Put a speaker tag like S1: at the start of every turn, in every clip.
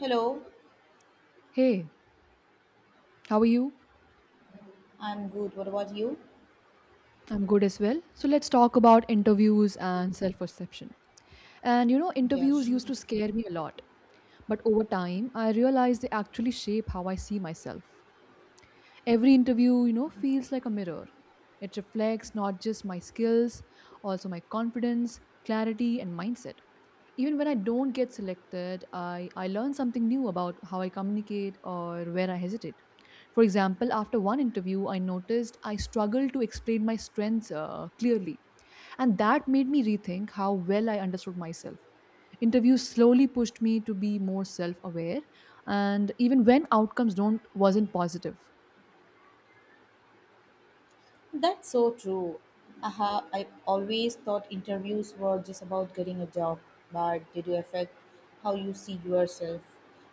S1: Hello,
S2: Hey, how are you?
S1: I'm good. What about you?
S2: I'm good as well. So let's talk about interviews and self perception. Interviews
S1: Yes,
S2: used to scare me a lot. But over time, I realized they actually shape how I see myself. Every interview, feels like a mirror. It reflects not just my skills, also my confidence, clarity, and mindset. Even when I don't get selected, I learn something new about how I communicate or where I hesitate. For example, after one interview, I noticed I struggled to explain my strengths clearly, and that made me rethink how well I understood myself. Interviews slowly pushed me to be more self-aware, and even when outcomes don't wasn't positive.
S1: that's so true. Aha, I always thought interviews were just about getting a job, but they do affect how you see yourself.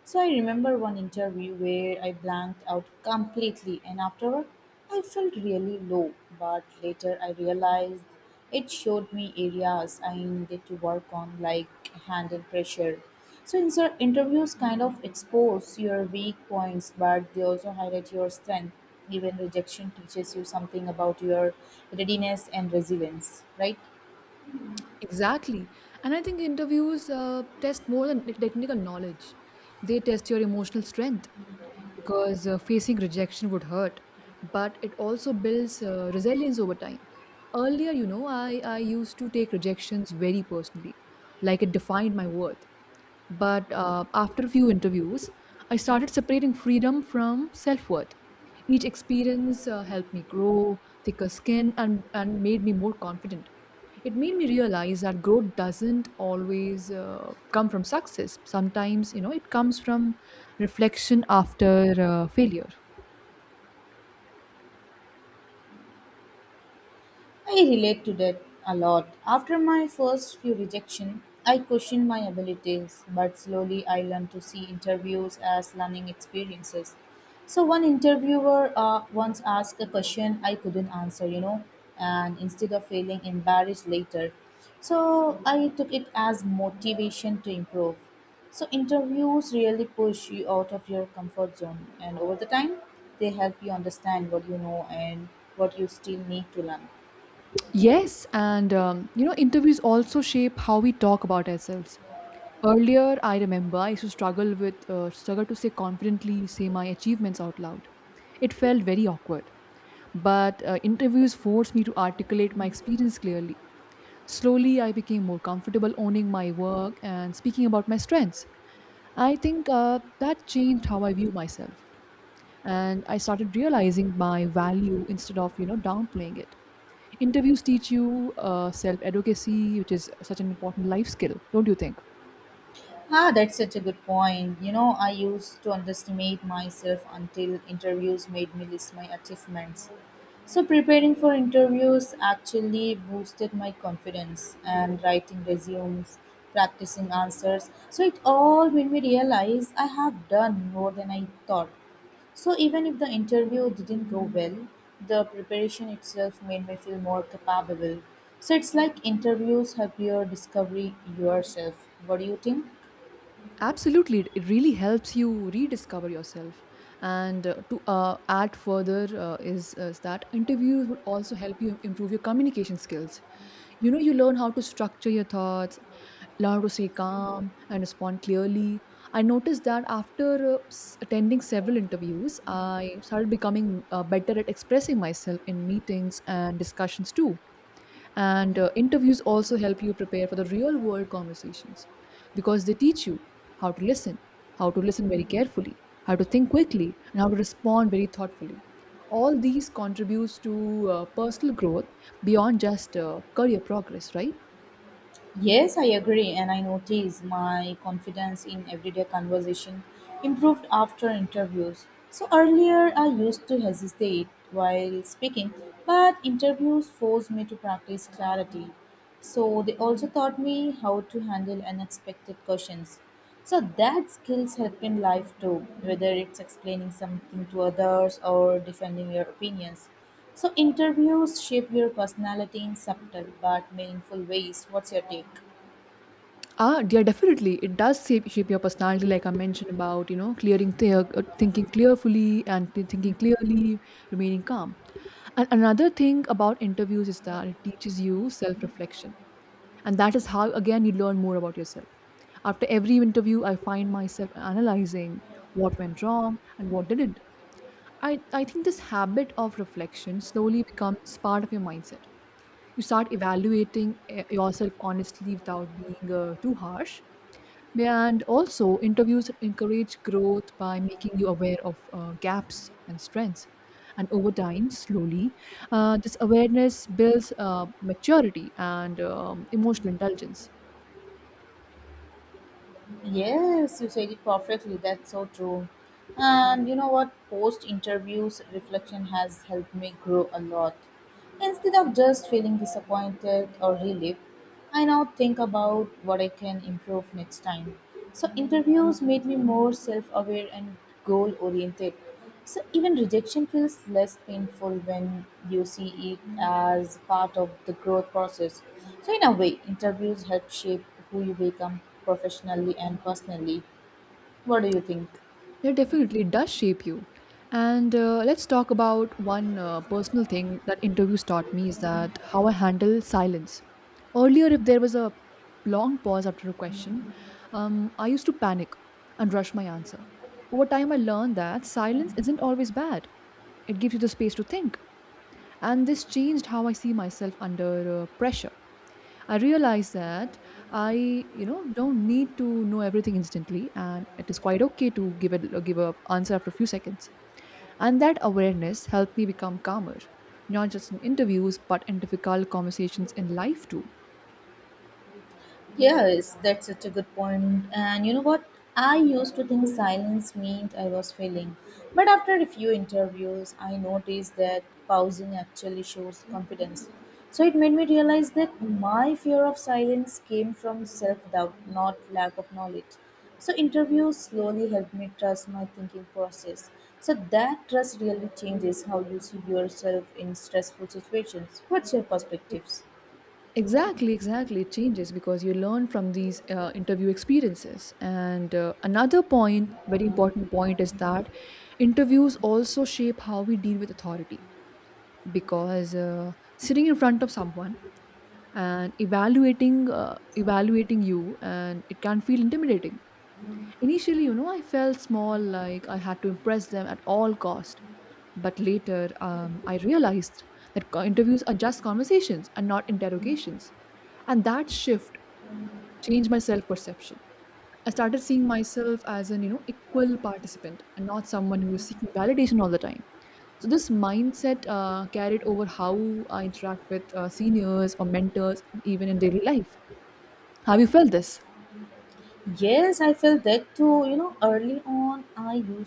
S1: So I remember one interview where I blanked out completely, and afterward, I felt really low. But later, I realized it showed me areas I needed to work on, like handle pressure. So in sir, interviews kind of expose your weak points, but they also highlight your strength. Even rejection teaches you something about your readiness and resilience, right?
S2: Exactly, and I think interviews test more than like, technical knowledge. They test your emotional strength because facing rejection would hurt, but it also builds resilience over time. Earlier, I used to take rejections very personally, like it defined my worth. But after a few interviews, I started separating freedom from self-worth. Each experience helped me grow thicker skin, and made me more confident. It made me realize that growth doesn't always come from success. Sometimes it comes from reflection after failure.
S1: I relate to that a lot. After my first few rejection, I questioned my abilities, but slowly I learned to see interviews as learning experiences. So one interviewer once asked a question I couldn't answer, and instead of feeling embarrassed later, so I took it as motivation to improve. So interviews really push you out of your comfort zone, and over the time, they help you understand what you know and what you still need to learn.
S2: Yes, and interviews also shape how we talk about ourselves. Earlier, I remember I used to struggle to say confidently, say my achievements out loud. It felt very awkward. But interviews forced me to articulate my experience clearly. Slowly, I became more comfortable owning my work and speaking about my strengths. I think that changed how I view myself, and I started realizing my value instead of downplaying it. Interviews teach you self-advocacy, which is such an important life skill, don't you think?
S1: Ah, that's such a good point. You know, I used to underestimate myself until interviews made me list my achievements. So, preparing for interviews actually boosted my confidence and writing resumes, practicing answers. So, it all made me realize I have done more than I thought. So, even if the interview didn't go well, the preparation itself made me feel more capable. So, it's like interviews help you discover yourself. What do you think?
S2: Absolutely, it really helps you rediscover yourself. And to add further is that interviews would also help you improve your communication skills. You know, you learn how to structure your thoughts, learn how to stay calm and respond clearly. I noticed that after attending several interviews, I started becoming better at expressing myself in meetings and discussions too. And interviews also help you prepare for the real world conversations because they teach you how to listen, how to listen very carefully, how to think quickly, and how to respond very thoughtfully. All these contributes to personal growth beyond just career progress, right?
S1: Yes, I agree, and I notice my confidence in everyday conversation improved after interviews. So earlier I used to hesitate while speaking, but interviews forced me to practice clarity. So they also taught me how to handle unexpected questions. So that skills help in life too, whether it's explaining something to others or defending your opinions. So interviews shape your personality in subtle but meaningful ways. What's your take?
S2: Ah, yeah, definitely. It does shape your personality, like I mentioned about, you know, clearing, th- thinking clearfully and th- thinking clearly, remaining calm. And another thing about interviews is that it teaches you self reflection. And that is how, again, you learn more about yourself. After every interview, I find myself analyzing what went wrong and what didn't. I think this habit of reflection slowly becomes part of your mindset. You start evaluating yourself honestly without being too harsh. And also, interviews encourage growth by making you aware of gaps and strengths. And over time, slowly, this awareness builds maturity and emotional intelligence.
S1: Yes, you said it perfectly. That's so true. And you know what? Post interviews, reflection has helped me grow a lot. Instead of just feeling disappointed or relieved, I now think about what I can improve next time. So, interviews made me more self aware and goal oriented. So even rejection feels less painful when you see it as part of the growth process. So in a way, interviews help shape who you become professionally and personally. What do you think?
S2: Yeah, definitely, it does shape you. And let's talk about one personal thing that interviews taught me is that how I handle silence. Earlier, if there was a long pause after a question, I used to panic and rush my answer. Over time, I learned that silence isn't always bad, it gives you the space to think. And this changed how I see myself under pressure. I realized that I, you know, don't need to know everything instantly, and it is quite okay to give a answer after a few seconds. And that awareness helped me become calmer, not just in interviews, but in difficult conversations in life too.
S1: Yes, that's such a good point. And you know what? I used to think silence meant I was failing. But after a few interviews, I noticed that pausing actually shows confidence. So it made me realize that my fear of silence came from self doubt, not lack of knowledge. So interviews slowly helped me trust my thinking process. So that trust really changes how you see yourself in stressful situations. What's your
S2: E-
S1: perspectives?
S2: exactly. It changes because you learn from these interview experiences. And another point, very important point, is that interviews also shape how we deal with authority. Because sitting in front of someone and evaluating you, and it can feel intimidating initially. You know, I felt small, like I had to impress them at all cost. But later, I realized that interviews are just conversations and not interrogations. And that shift changed my self perception. I started seeing myself as an, you know, equal participant and not someone who is seeking validation all the time. So this mindset carried over how I interact with seniors or mentors even in daily life. Have you felt this?
S1: Yes, I felt that too. You know, early on, I used